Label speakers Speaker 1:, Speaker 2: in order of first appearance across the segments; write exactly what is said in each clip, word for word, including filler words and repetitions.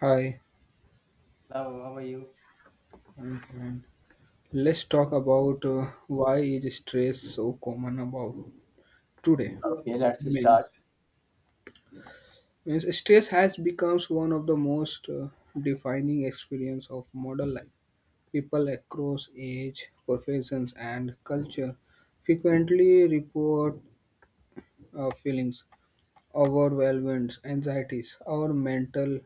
Speaker 1: Hi,
Speaker 2: Hello, how are you?
Speaker 1: and let's talk about uh, why is stress so common about today.
Speaker 2: Okay, let's
Speaker 1: Means,
Speaker 2: start.
Speaker 1: means stress has become one of the most uh, defining experience of modern life. People across age, professions, and culture frequently report uh, feelings, overwhelmed, anxieties, or mental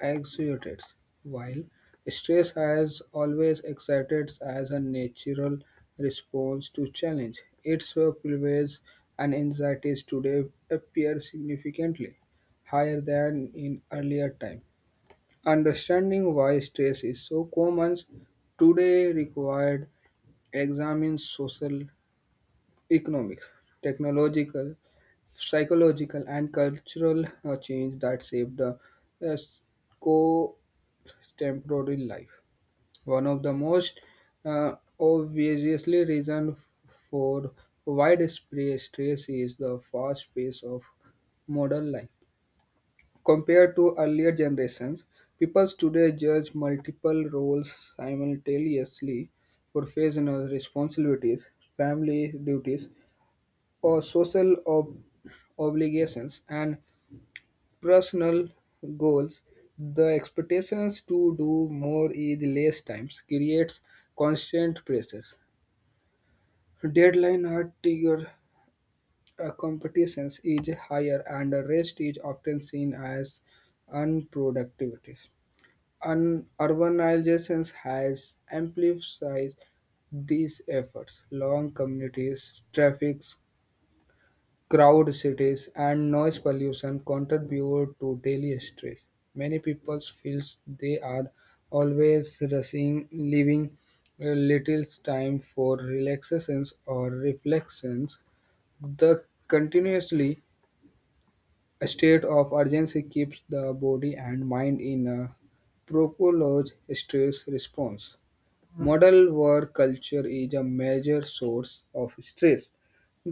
Speaker 1: Excited, while stress has always excited as a natural response to challenge. Its prevalence and anxieties today appear significantly higher than in earlier time. Understanding why stress is so common today required examining social, economic, technological, psychological, and cultural uh, change that shape the uh, co temporary life. One of the most uh, obviously reason for widespread stress is the fast pace of modern life. Compared to earlier generations, people today judge multiple roles simultaneously, professional responsibilities, family duties, or social ob- obligations, and personal goals, the expectations to do more is less times creates constant pressures. Deadline are trigger uh, competitions is higher and the rest is often seen as unproductivities. Un- urbanization has amplified these efforts. Long communities, traffic Crowd cities and noise pollution contribute to daily stress. Many people feel they are always rushing, leaving little time for relaxations or reflections. The continuously a state of urgency keeps the body and mind in a prolonged stress response. Model work culture is a major source of stress.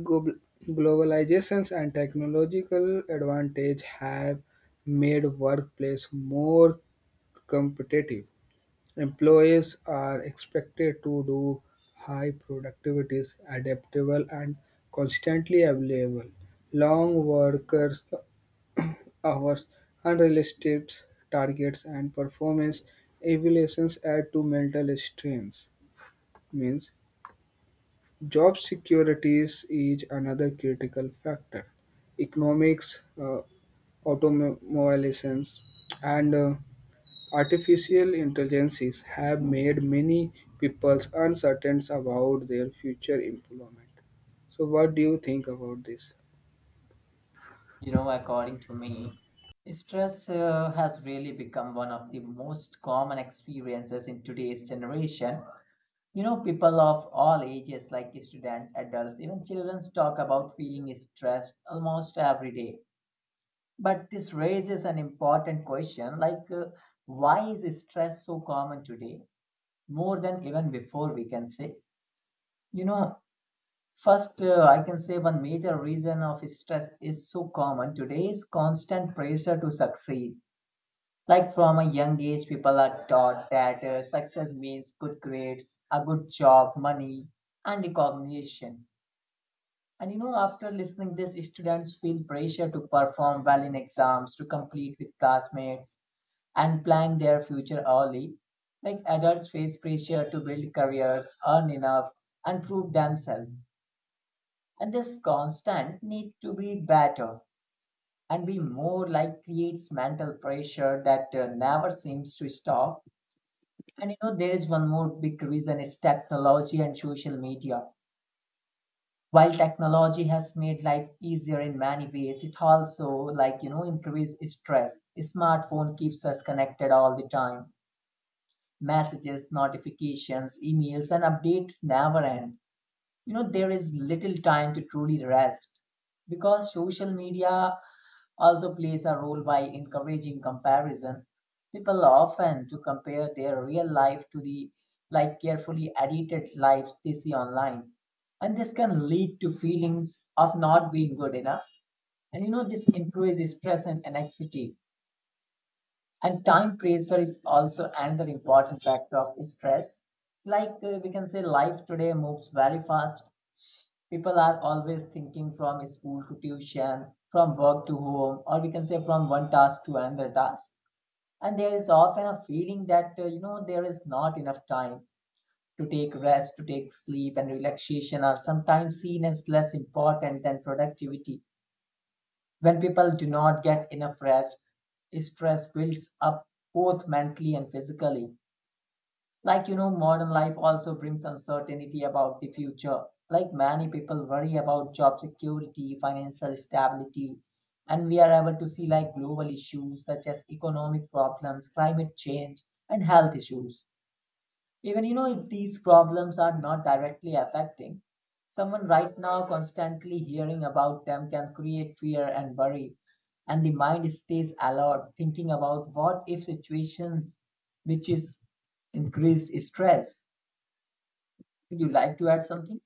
Speaker 1: Global- Globalizations and technological advantage have made workplace more competitive. Employees are expected to do high productivities, adaptable and constantly available. Long workers hours, unrealistic targets, and performance evaluations add to mental strains. Means job securities is another critical factor. Economics, uh, automobilizations, and uh, artificial intelligences have made many people uncertain about their future employment. So, what do you think about this?
Speaker 2: You know, according to me, stress uh, has really become one of the most common experiences in today's generation. You know, people of all ages, like students, adults, even children, talk about feeling stressed almost every day. But this raises an important question like, uh, why is stress so common today? More than even before, we can say. You know, first, uh, I can say one major reason of stress is so common today is constant pressure to succeed. Like from a young age, people are taught that uh, success means good grades, a good job, money, and recognition. And you know, after listening this, students feel pressure to perform well in exams, to compete with classmates, and plan their future early. Like adults face pressure to build careers, earn enough, and prove themselves. And this constant need to be better and be more like creates mental pressure that uh, never seems to stop. And you know, there is one more big reason is technology and social media. While technology has made life easier in many ways, it also like you know increase stress. Smartphone keeps us connected all the time. Messages, notifications, emails, and updates never end. You know, there is little time to truly rest because social media also plays a role by encouraging comparison. People often to compare their real life to the like carefully edited lives they see online, and this can lead to feelings of not being good enough. And you know, this increases stress and anxiety. And time pressure is also another important factor of stress. Like uh, we can say life today moves very fast. People are always thinking from school to tuition, from work to home, or we can say from one task to another task. And there is often a feeling that, uh, you know, there is not enough time to take rest, to take sleep, and relaxation are sometimes seen as less important than productivity. When people do not get enough rest, stress builds up both mentally and physically. Like, you know, modern life also brings uncertainty about the future. Like, many people worry about job security, financial stability, and we are able to see like global issues such as economic problems, climate change, and health issues. Even you know if these problems are not directly affecting someone right now, constantly hearing about them can create fear and worry, and the mind stays alert thinking about what if situations, which is increased stress. Would you like to add something?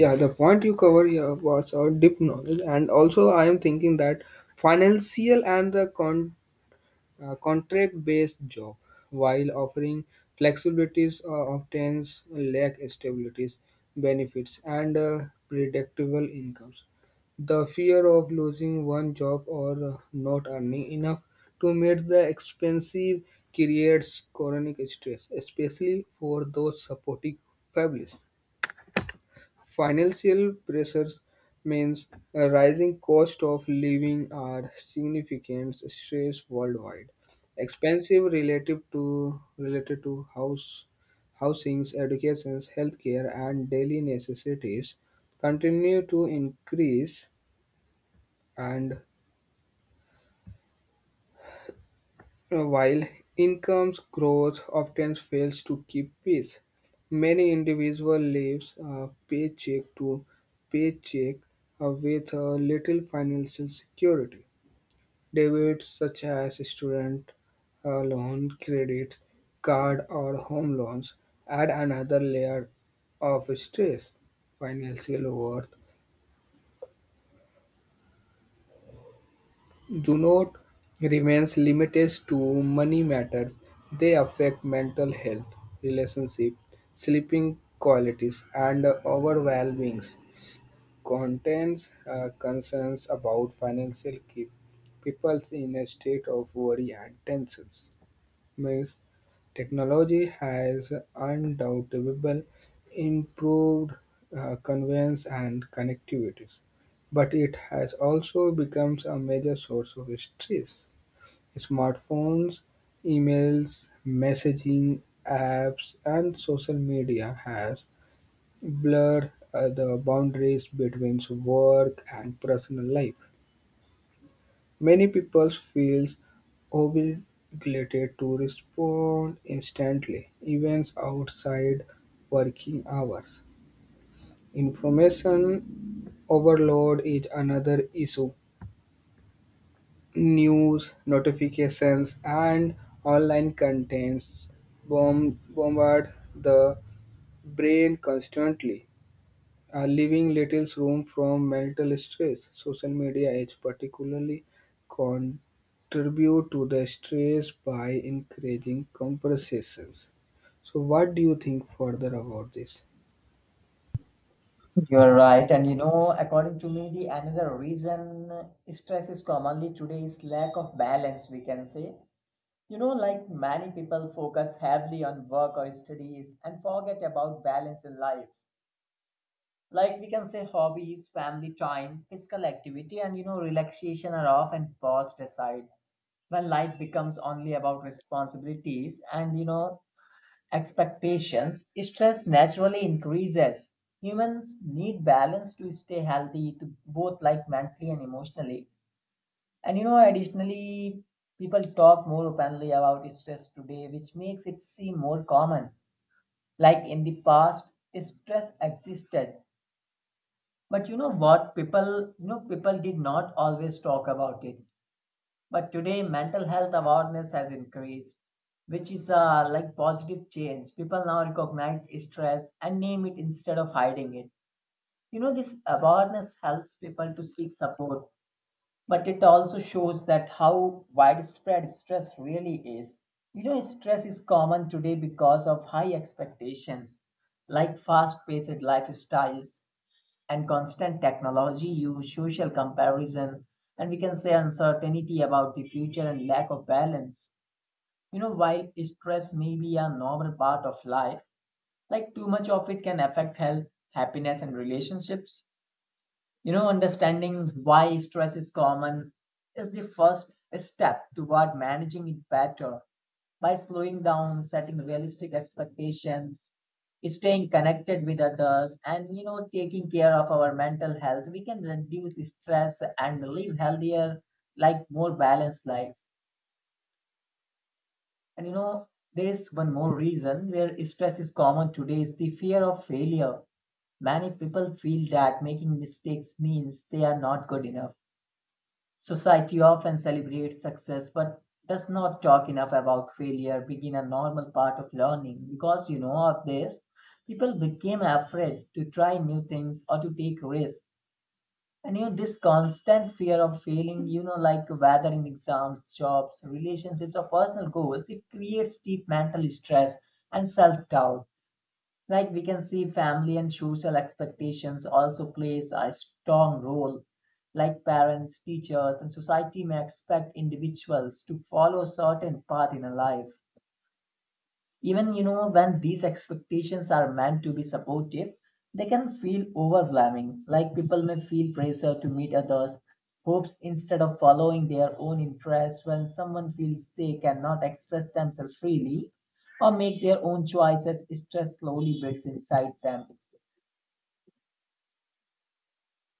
Speaker 1: Yeah, the point you cover here Was our deep knowledge, and also I am thinking that financial and the con- uh, contract-based job, while offering flexibilities, uh, obtains lack stabilities, benefits, and uh, predictable incomes. The fear of losing one job or uh, not earning enough to meet the expensive creates chronic stress, especially for those supporting families. Financial pressures means a rising cost of living are significant stress worldwide. Expensive relative to related to house housings, educations, healthcare and daily necessities continue to increase and Uh, While income's growth often fails to keep pace, many individuals live uh, paycheck to paycheck uh, with uh, little financial security. Debits such as student uh, loan, credit card, or home loans add another layer of stress. Financial worth Junot remains limited to money matters; they affect mental health, relationship, sleeping qualities, and overwhelming contains uh, concerns about financial keep people in a state of worry and tensions means technology has undoubtedly improved uh, convenience and connectivities, but it has also become a major source of stress. Smartphones, emails, messaging apps, and social media has blurred uh, the boundaries between work and personal life. Many people feel obligated to respond instantly, even outside working hours. Information overload is another issue. News, notifications, and online contents bomb- bombard the brain constantly. Are leaving little room from mental stress. Social media is particularly contribute to the stress by encouraging comparisons. So, what do you think further about this?
Speaker 2: You are right, and you know according to me the another reason stress is commonly today is lack of balance, we can say. You know, like many people focus heavily on work or studies and forget about balance in life. Like we can say hobbies, family time, physical activity, and you know, relaxation are often paused aside. When life becomes only about responsibilities and you know expectations, stress naturally increases. Humans need balance to stay healthy, to both like mentally and emotionally. And you know, additionally, people talk more openly about stress today, which makes it seem more common. Like in the past, stress existed. But you know what? People, you know, people did not always talk about it. But today, mental health awareness has increased, which is uh, like positive change. People now recognize stress and name it instead of hiding it. You know, this awareness helps people to seek support, but it also shows that how widespread stress really is. You know, stress is common today because of high expectations, like fast paced lifestyles and constant technology use, social comparison, and we can say uncertainty about the future and lack of balance. You know, while stress may be a normal part of life, like too much of it can affect health, happiness, and relationships. You know, understanding why stress is common is the first step toward managing it better by slowing down, setting realistic expectations, staying connected with others, and you know, taking care of our mental health. We can reduce stress and live healthier, like more balanced life. And you know, there is one more reason where stress is common today is the fear of failure. Many people feel that making mistakes means they are not good enough. Society often celebrates success but does not talk enough about failure being a normal part of learning. Because you know of this, people became afraid to try new things or to take risks. And you know, this constant fear of failing, you know, like whether in exams, jobs, relationships, or personal goals, it creates deep mental stress and self doubt. Like we can see, family and social expectations also plays a strong role. Like parents, teachers, and society may expect individuals to follow certain path in a life. Even you know when these expectations are meant to be supportive, they can feel overwhelming. Like people may feel pressure to meet others hopes instead of following their own interests. When someone feels they cannot express themselves freely or make their own choices, stress slowly builds inside them.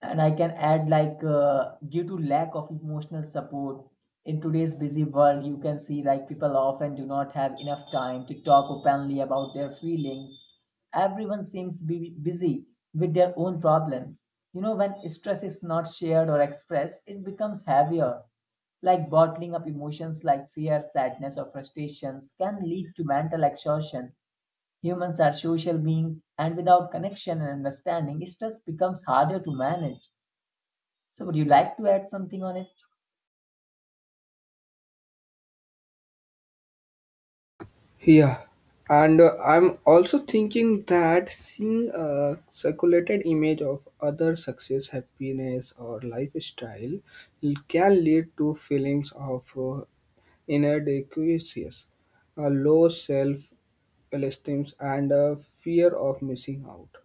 Speaker 2: And I can add like uh, due to lack of emotional support in today's busy world, you can see like people often do not have enough time to talk openly about their feelings. Everyone seems be busy with their own problems. You know, when stress is not shared or expressed, it becomes heavier. Like bottling up emotions like fear, sadness, or frustrations can lead to mental exhaustion. Humans are social beings, and without connection and understanding, stress becomes harder to manage. So, would you like to add something on it?
Speaker 1: Yeah, and uh, I'm also thinking that seeing a circulated image of other success, happiness, or lifestyle can lead to feelings of uh, inadequacies, a low self esteem, and a fear of missing out.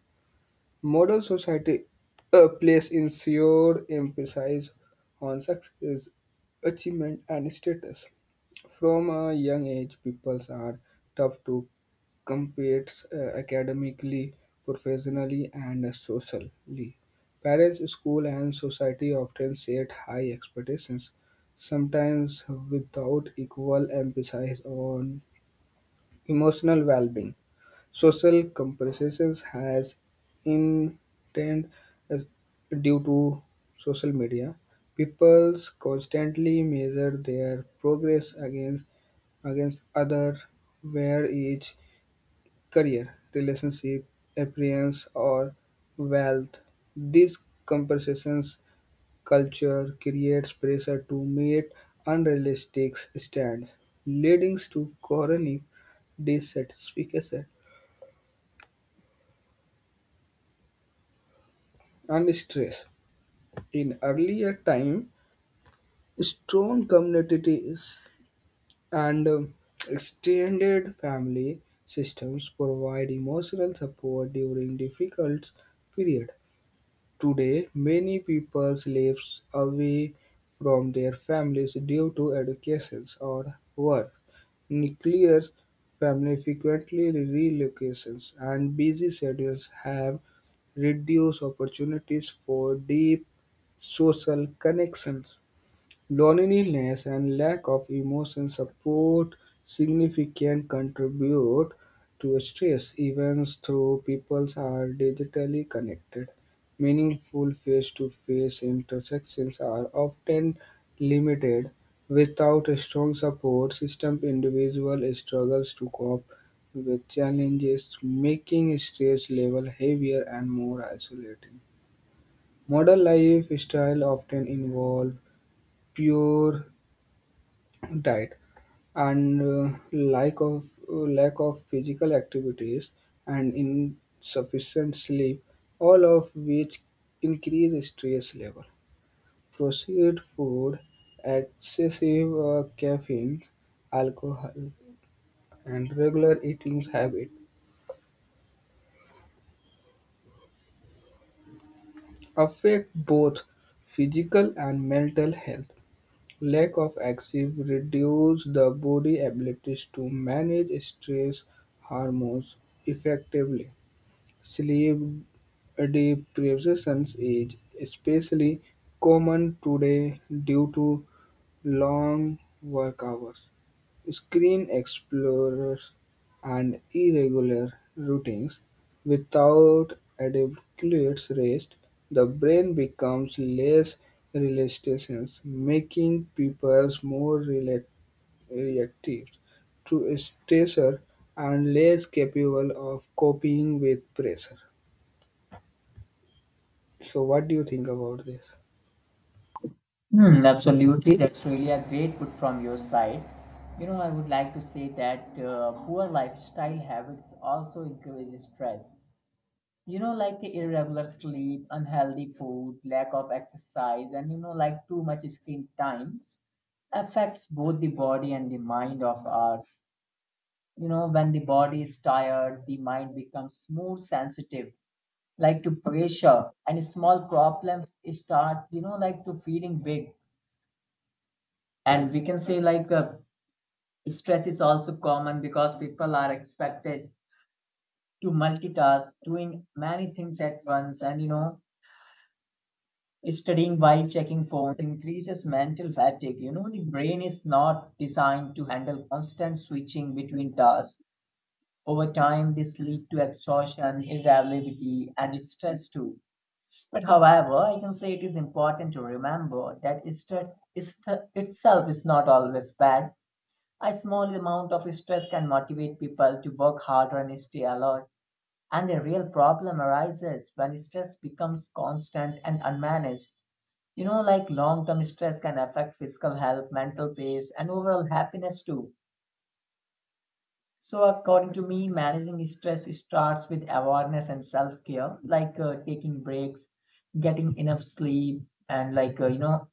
Speaker 1: Modern society uh, place ensured emphasis on success, achievement, and status. From a young age, pupils are tough to compete uh, academically, professionally, and socially. Parents, school, and society often set high expectations, sometimes without equal emphasis on emotional well-being. Social comparisons has intense uh, due to social media. People constantly measure their progress against against other where each career, relationship, appearance or wealth. These comparisons culture creates pressure to meet unrealistic standards, leading to chronic dissatisfaction and stress. In earlier time, strong communities and um, extended family systems provide emotional support during difficult period. Today, many people live away from their families due to education or work. Nuclear family frequently relocations, and busy schedules have reduced opportunities for deep social connections. Loneliness and lack of emotional support significantly contribute to stress, even though people are digitally connected. Meaningful face-to-face interactions are often limited. Without a strong support system, individuals struggles to cope with challenges, making stress level heavier and more isolating. Modern lifestyle often involve pure diet and uh, lack of uh, lack of physical activities and insufficient sleep all of which increase stress level processed food excessive uh, caffeine alcohol and regular eating habit affect both physical and mental health lack of active reduce the body abilities to manage stress hormones effectively. Sleep deprivation is especially common today due to long work hours, screen explorers, and irregular routines. Without adequate rest, the brain becomes less resilient, making people more rela- reactive to stressor and less capable of coping with pressure. So, what do you think about this?
Speaker 2: Hmm, absolutely. That's really a great put from your side. You know, I would like to say that uh, poor lifestyle habits also increase stress. You know, like irregular sleep, unhealthy food, lack of exercise, and you know, like too much screen time affects both the body and the mind of us. You know, when the body is tired, the mind becomes more sensitive like to pressure, and small problems start you know like to feeling big. And we can say like uh, stress is also common because people are expected to multitask doing many things at once, and you know studying while checking phone increases mental fatigue. You know the brain is not designed to handle constant switching between tasks. Over time this lead to exhaustion, irritability, and stress too. But however, I can say it is important to remember that stress st- itself is not always bad. A small amount of stress can motivate people to work harder and stay alert. And the real problem arises when stress becomes constant and unmanaged. You know, like long term stress can affect physical health, mental peace, and overall happiness too. So, according to me, managing stress starts with awareness and self care, like uh, taking breaks, getting enough sleep, and like, uh, you know,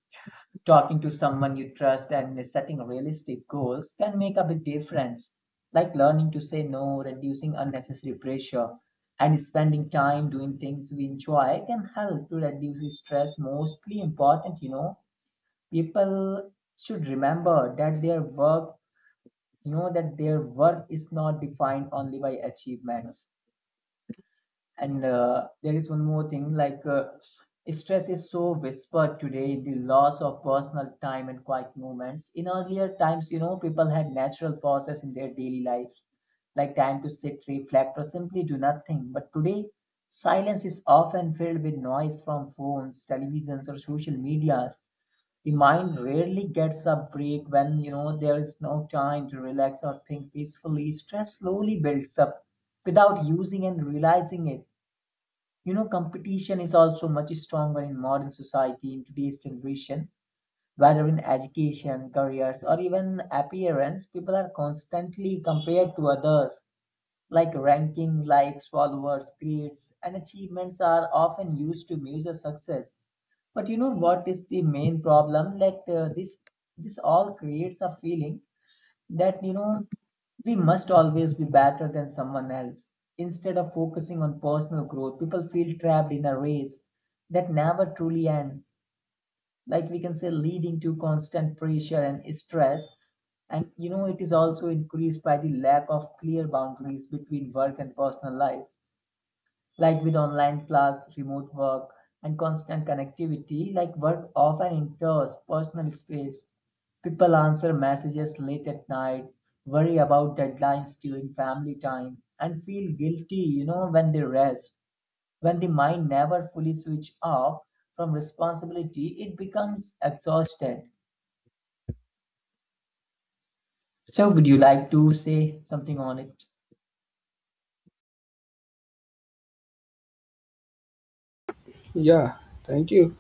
Speaker 2: talking to someone you trust and setting realistic goals can make a big difference. Like learning to say no, reducing unnecessary pressure, and spending time doing things we enjoy can help to reduce stress. Mostly important, you know, people should remember that their work you know that their worth is not defined only by achievements. And uh, there is one more thing like uh, stress is so whispered today in the loss of personal time and quiet moments. In earlier times you know people had natural pauses in their daily life, like time to sit, reflect, or simply do nothing. But today silence is often filled with noise from phones, televisions, or social medias. The mind rarely gets a break when you know there is no time to relax or think peacefully. Stress slowly builds up without using and realizing it. You know, competition is also much stronger in modern society, in today's generation, whether in education, careers, or even appearance. People are constantly compared to others, like ranking, likes, followers, grades, and achievements are often used to measure success. But you know what is the main problem? That uh, this this all creates a feeling that you know we must always be better than someone else. Instead of focusing on personal growth, people feel trapped in a race that never truly ends, like we can say leading to constant pressure and stress. And you know it is also increased by the lack of clear boundaries between work and personal life, like with online class, remote work, and constant connectivity. Like work often enters personal space. People answer messages late at night, worry about deadlines during family time, and feel guilty you know when they rest. When the mind never fully switch off from responsibility, it becomes exhausted. So, would you like to say something on it?
Speaker 1: Yeah, thank you.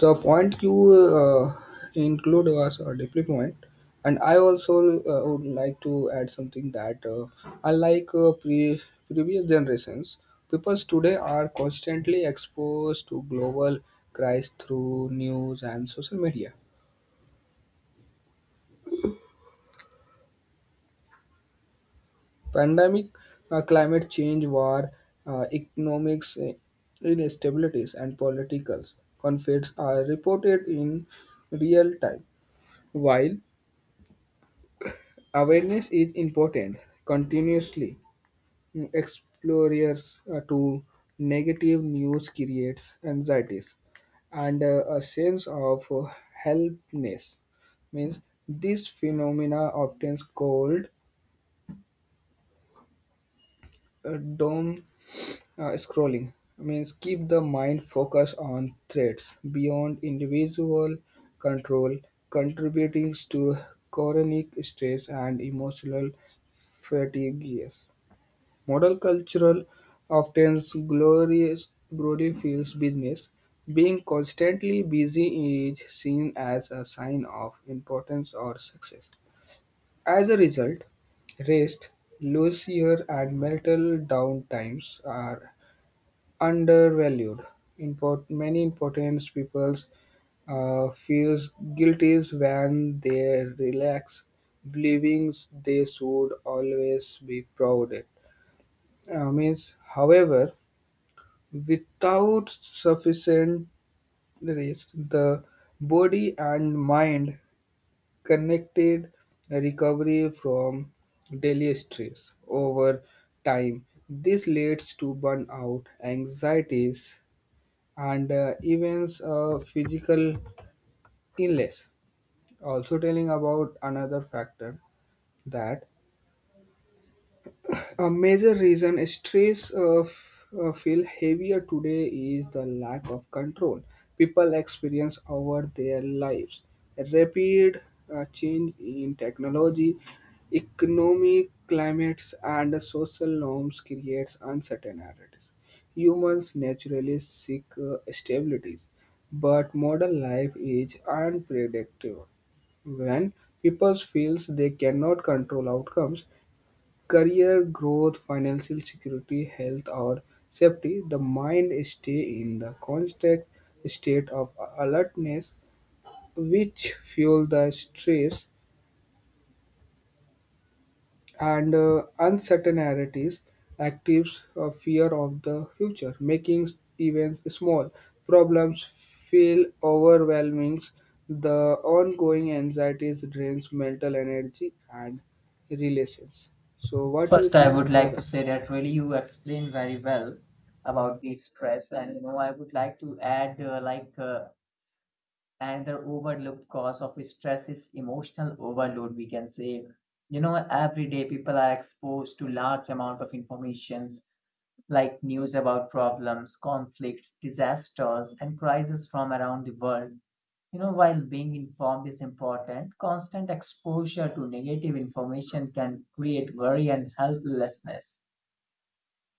Speaker 1: The point you uh, include was a deeply point, and I also uh, would like to add something that uh, unlike uh, pre- previous generations, people today are constantly exposed to global crises through news and social media. Pandemic, uh, climate change, war, uh, economics, uh, instabilities, and political conflicts are reported in real time. While awareness is important, continuously mm, explorers uh, to negative news creates anxieties and uh, a sense of uh, helplessness means this phenomena often called uh, doom Uh, scrolling means keep the mind focused on threads beyond individual control, contributing to chronic stress and emotional fatigue. Modern culture often glorious glorifies business. Being constantly busy is seen as a sign of importance or success. As a result, rest, leisure, and mental downtimes are undervalued. Import, many important people uh, feel guilty when they relax, believing they should always be proud. Uh, means, however, without sufficient rest, the body and mind connected recovery from daily stress over time. This leads to burnout, anxieties, and uh, events uh, physical illness also telling about another factor that a major reason trees uh, f- uh, feel heavier today is the lack of control people experience over their lives. A rapid uh, change in technology, economic climates, and social norms creates uncertainties. Humans naturally seek uh, stabilities, but modern life is unpredictable when people feels they cannot control outcomes career growth, financial security, health or safety, the mind stay in the constant state of alertness which fuel the stress and uh, uncertainties actives a fear of the future making even small problems feel overwhelming the ongoing anxieties drains mental energy and relations. So what do you
Speaker 2: First, I
Speaker 1: think
Speaker 2: would like to
Speaker 1: further?
Speaker 2: say that really you explained very well about the stress, and you know I would like to add uh, like uh, another overlooked cause of stress is emotional overload. We can say, you know, every day people are exposed to large amount of informations like news about problems, conflicts, disasters, and crises from around the world. You know, while being informed is important, constant exposure to negative information can create worry and helplessness.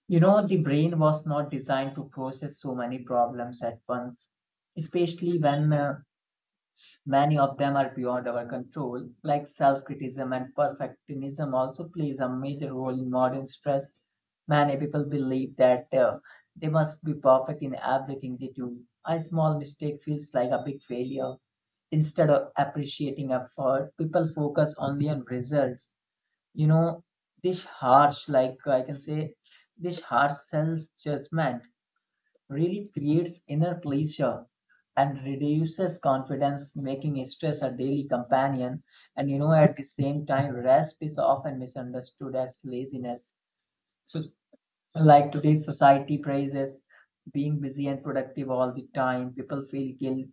Speaker 2: You know, the brain was not designed to process so many problems at once, especially when uh, many of them are beyond our control, like self criticism and perfectionism, also plays a major role in modern stress. Many people believe that uh, they must be perfect in everything they do. A small mistake feels like a big failure. Instead of appreciating effort, people focus only on results. You know, this harsh, like I can say, this harsh self judgment really creates inner pleasure and reduces confidence, making stress a daily companion. And you know, at the same time, rest is often misunderstood as laziness. So, like today's society praises being busy and productive all the time, people feel guilt,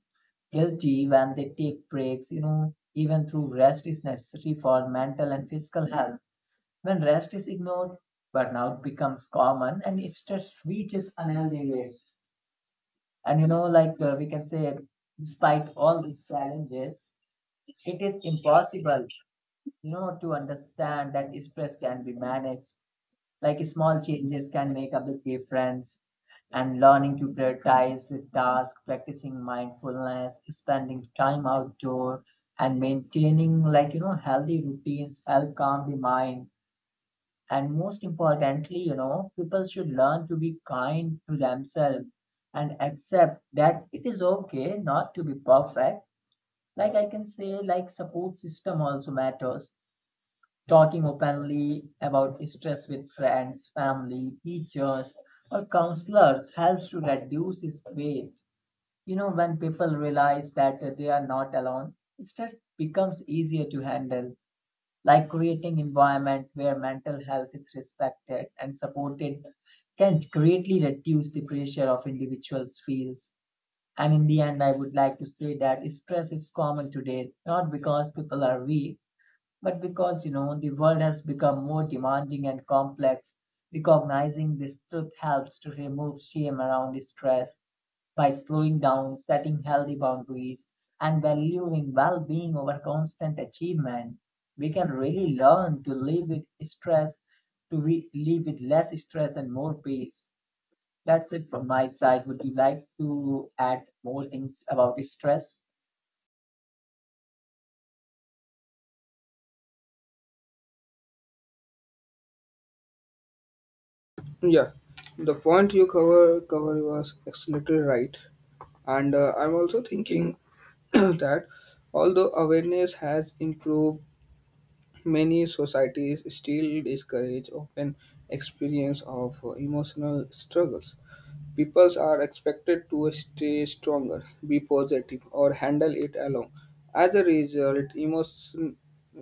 Speaker 2: guilty when they take breaks. You know, even through rest is necessary for mental and physical health. When rest is ignored, burnout becomes common and stress reaches unhealthy rates. And you know, like uh, we can say, despite all these challenges, it is impossible, you know, to understand that stress can be managed. Like small changes can make a big difference. And learning to prioritize with tasks, practicing mindfulness, spending time outdoor, and maintaining like you know healthy routines help calm the mind, and most importantly, you know, people should learn to be kind to themselves and accept that it is okay not to be perfect. Like I can say, like support system also matters. Talking openly about stress with friends, family, teachers, or counselors helps to reduce its weight. You know, when people realize that they are not alone, stress becomes easier to handle, like creating environment where mental health is respected and supported can greatly reduce the pressure of individuals feels. And in the end, I would like to say that stress is common today not because people are weak, but because you know the world has become more demanding and complex. Recognizing this truth helps to remove shame around stress by slowing down, setting healthy boundaries, and valuing well being over constant achievement. We can really learn to live with stress, to we live with less stress and more peace. That's it from my side. Would you like to add more things about stress?
Speaker 1: Yeah, the point you cover cover was absolutely right, and uh, I'm also thinking that although awareness has improved, many societies still discourage open experience of uh, emotional struggles. People are expected to stay stronger, be positive, or handle it alone. As a result, emotion,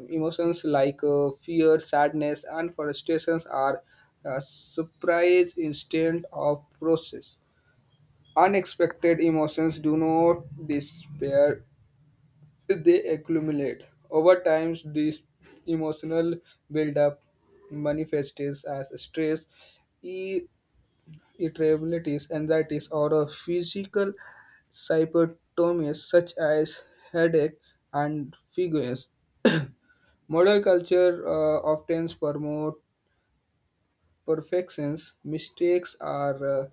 Speaker 1: emotions like uh, fear, sadness, and frustrations are uh, surprised instead of process. Unexpected emotions do not disappear; they accumulate. Over time, this emotional buildup manifests as stress, e- irritabilities, anxieties, or a physical symptoms such as headache and figures. Model culture uh, often promotes perfections. Mistakes are uh,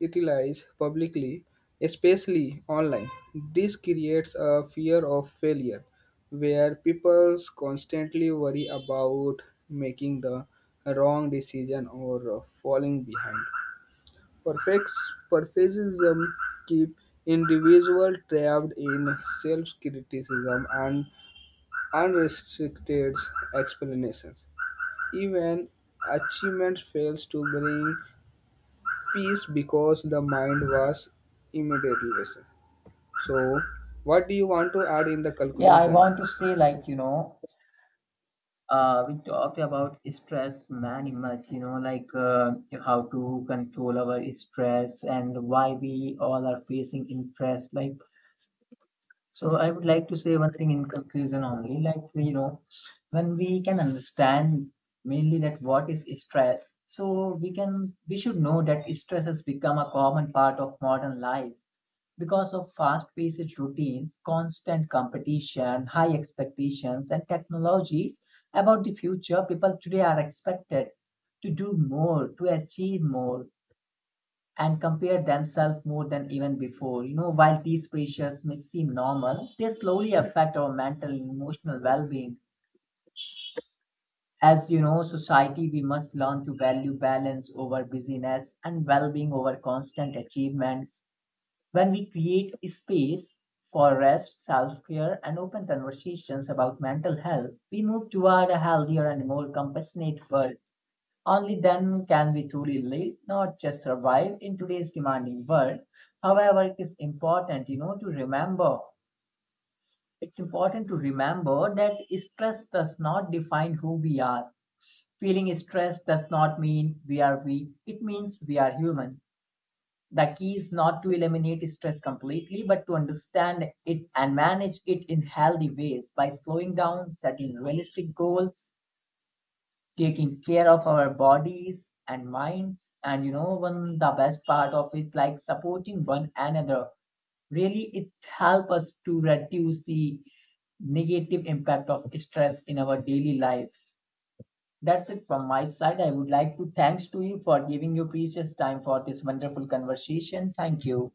Speaker 1: utilized publicly, especially online. This creates a fear of failure, where people constantly worry about making the wrong decision or uh, falling behind. Perfects, Perfectionism keeps individuals trapped in self-criticism and unrestricted explanations. Even achievement fails to bring peace because the mind was immediately. So, what do you want to add in the
Speaker 2: Yeah, I
Speaker 1: conclusion?
Speaker 2: want to say, like, you know, uh, we talked about stress many much, you know, like uh, how to control our stress and why we all are facing interest. Like, so I would like to say one thing in conclusion only, like you know, when we can understand mainly that what is stress, so we can we should know that stress has become a common part of modern life because of fast-paced routines, constant competition, high expectations, and technologies about the future. People today are expected to do more, to achieve more, and compare themselves more than even before. You know, while these pressures may seem normal, they slowly affect our mental and emotional well being. As you know, society, we must learn to value balance over busyness and well being over constant achievements. When we create space for rest, self care, and open conversations about mental health, we move toward a healthier and more compassionate world. Only then can we truly live, not just survive in today's demanding world. However, it is important, you know, to remember. it's important to remember that stress does not define who we are. Feeling stressed does not mean we are weak. It means we are human. The key is not to eliminate stress completely, but to understand it and manage it in healthy ways by slowing down, setting realistic goals, taking care of our bodies and minds, and you know one the best part of it, like supporting one another, really it helps us to reduce the negative impact of stress in our daily life. That's it from my side. I would like to thanks to you for giving your precious time for this wonderful conversation. Thank you.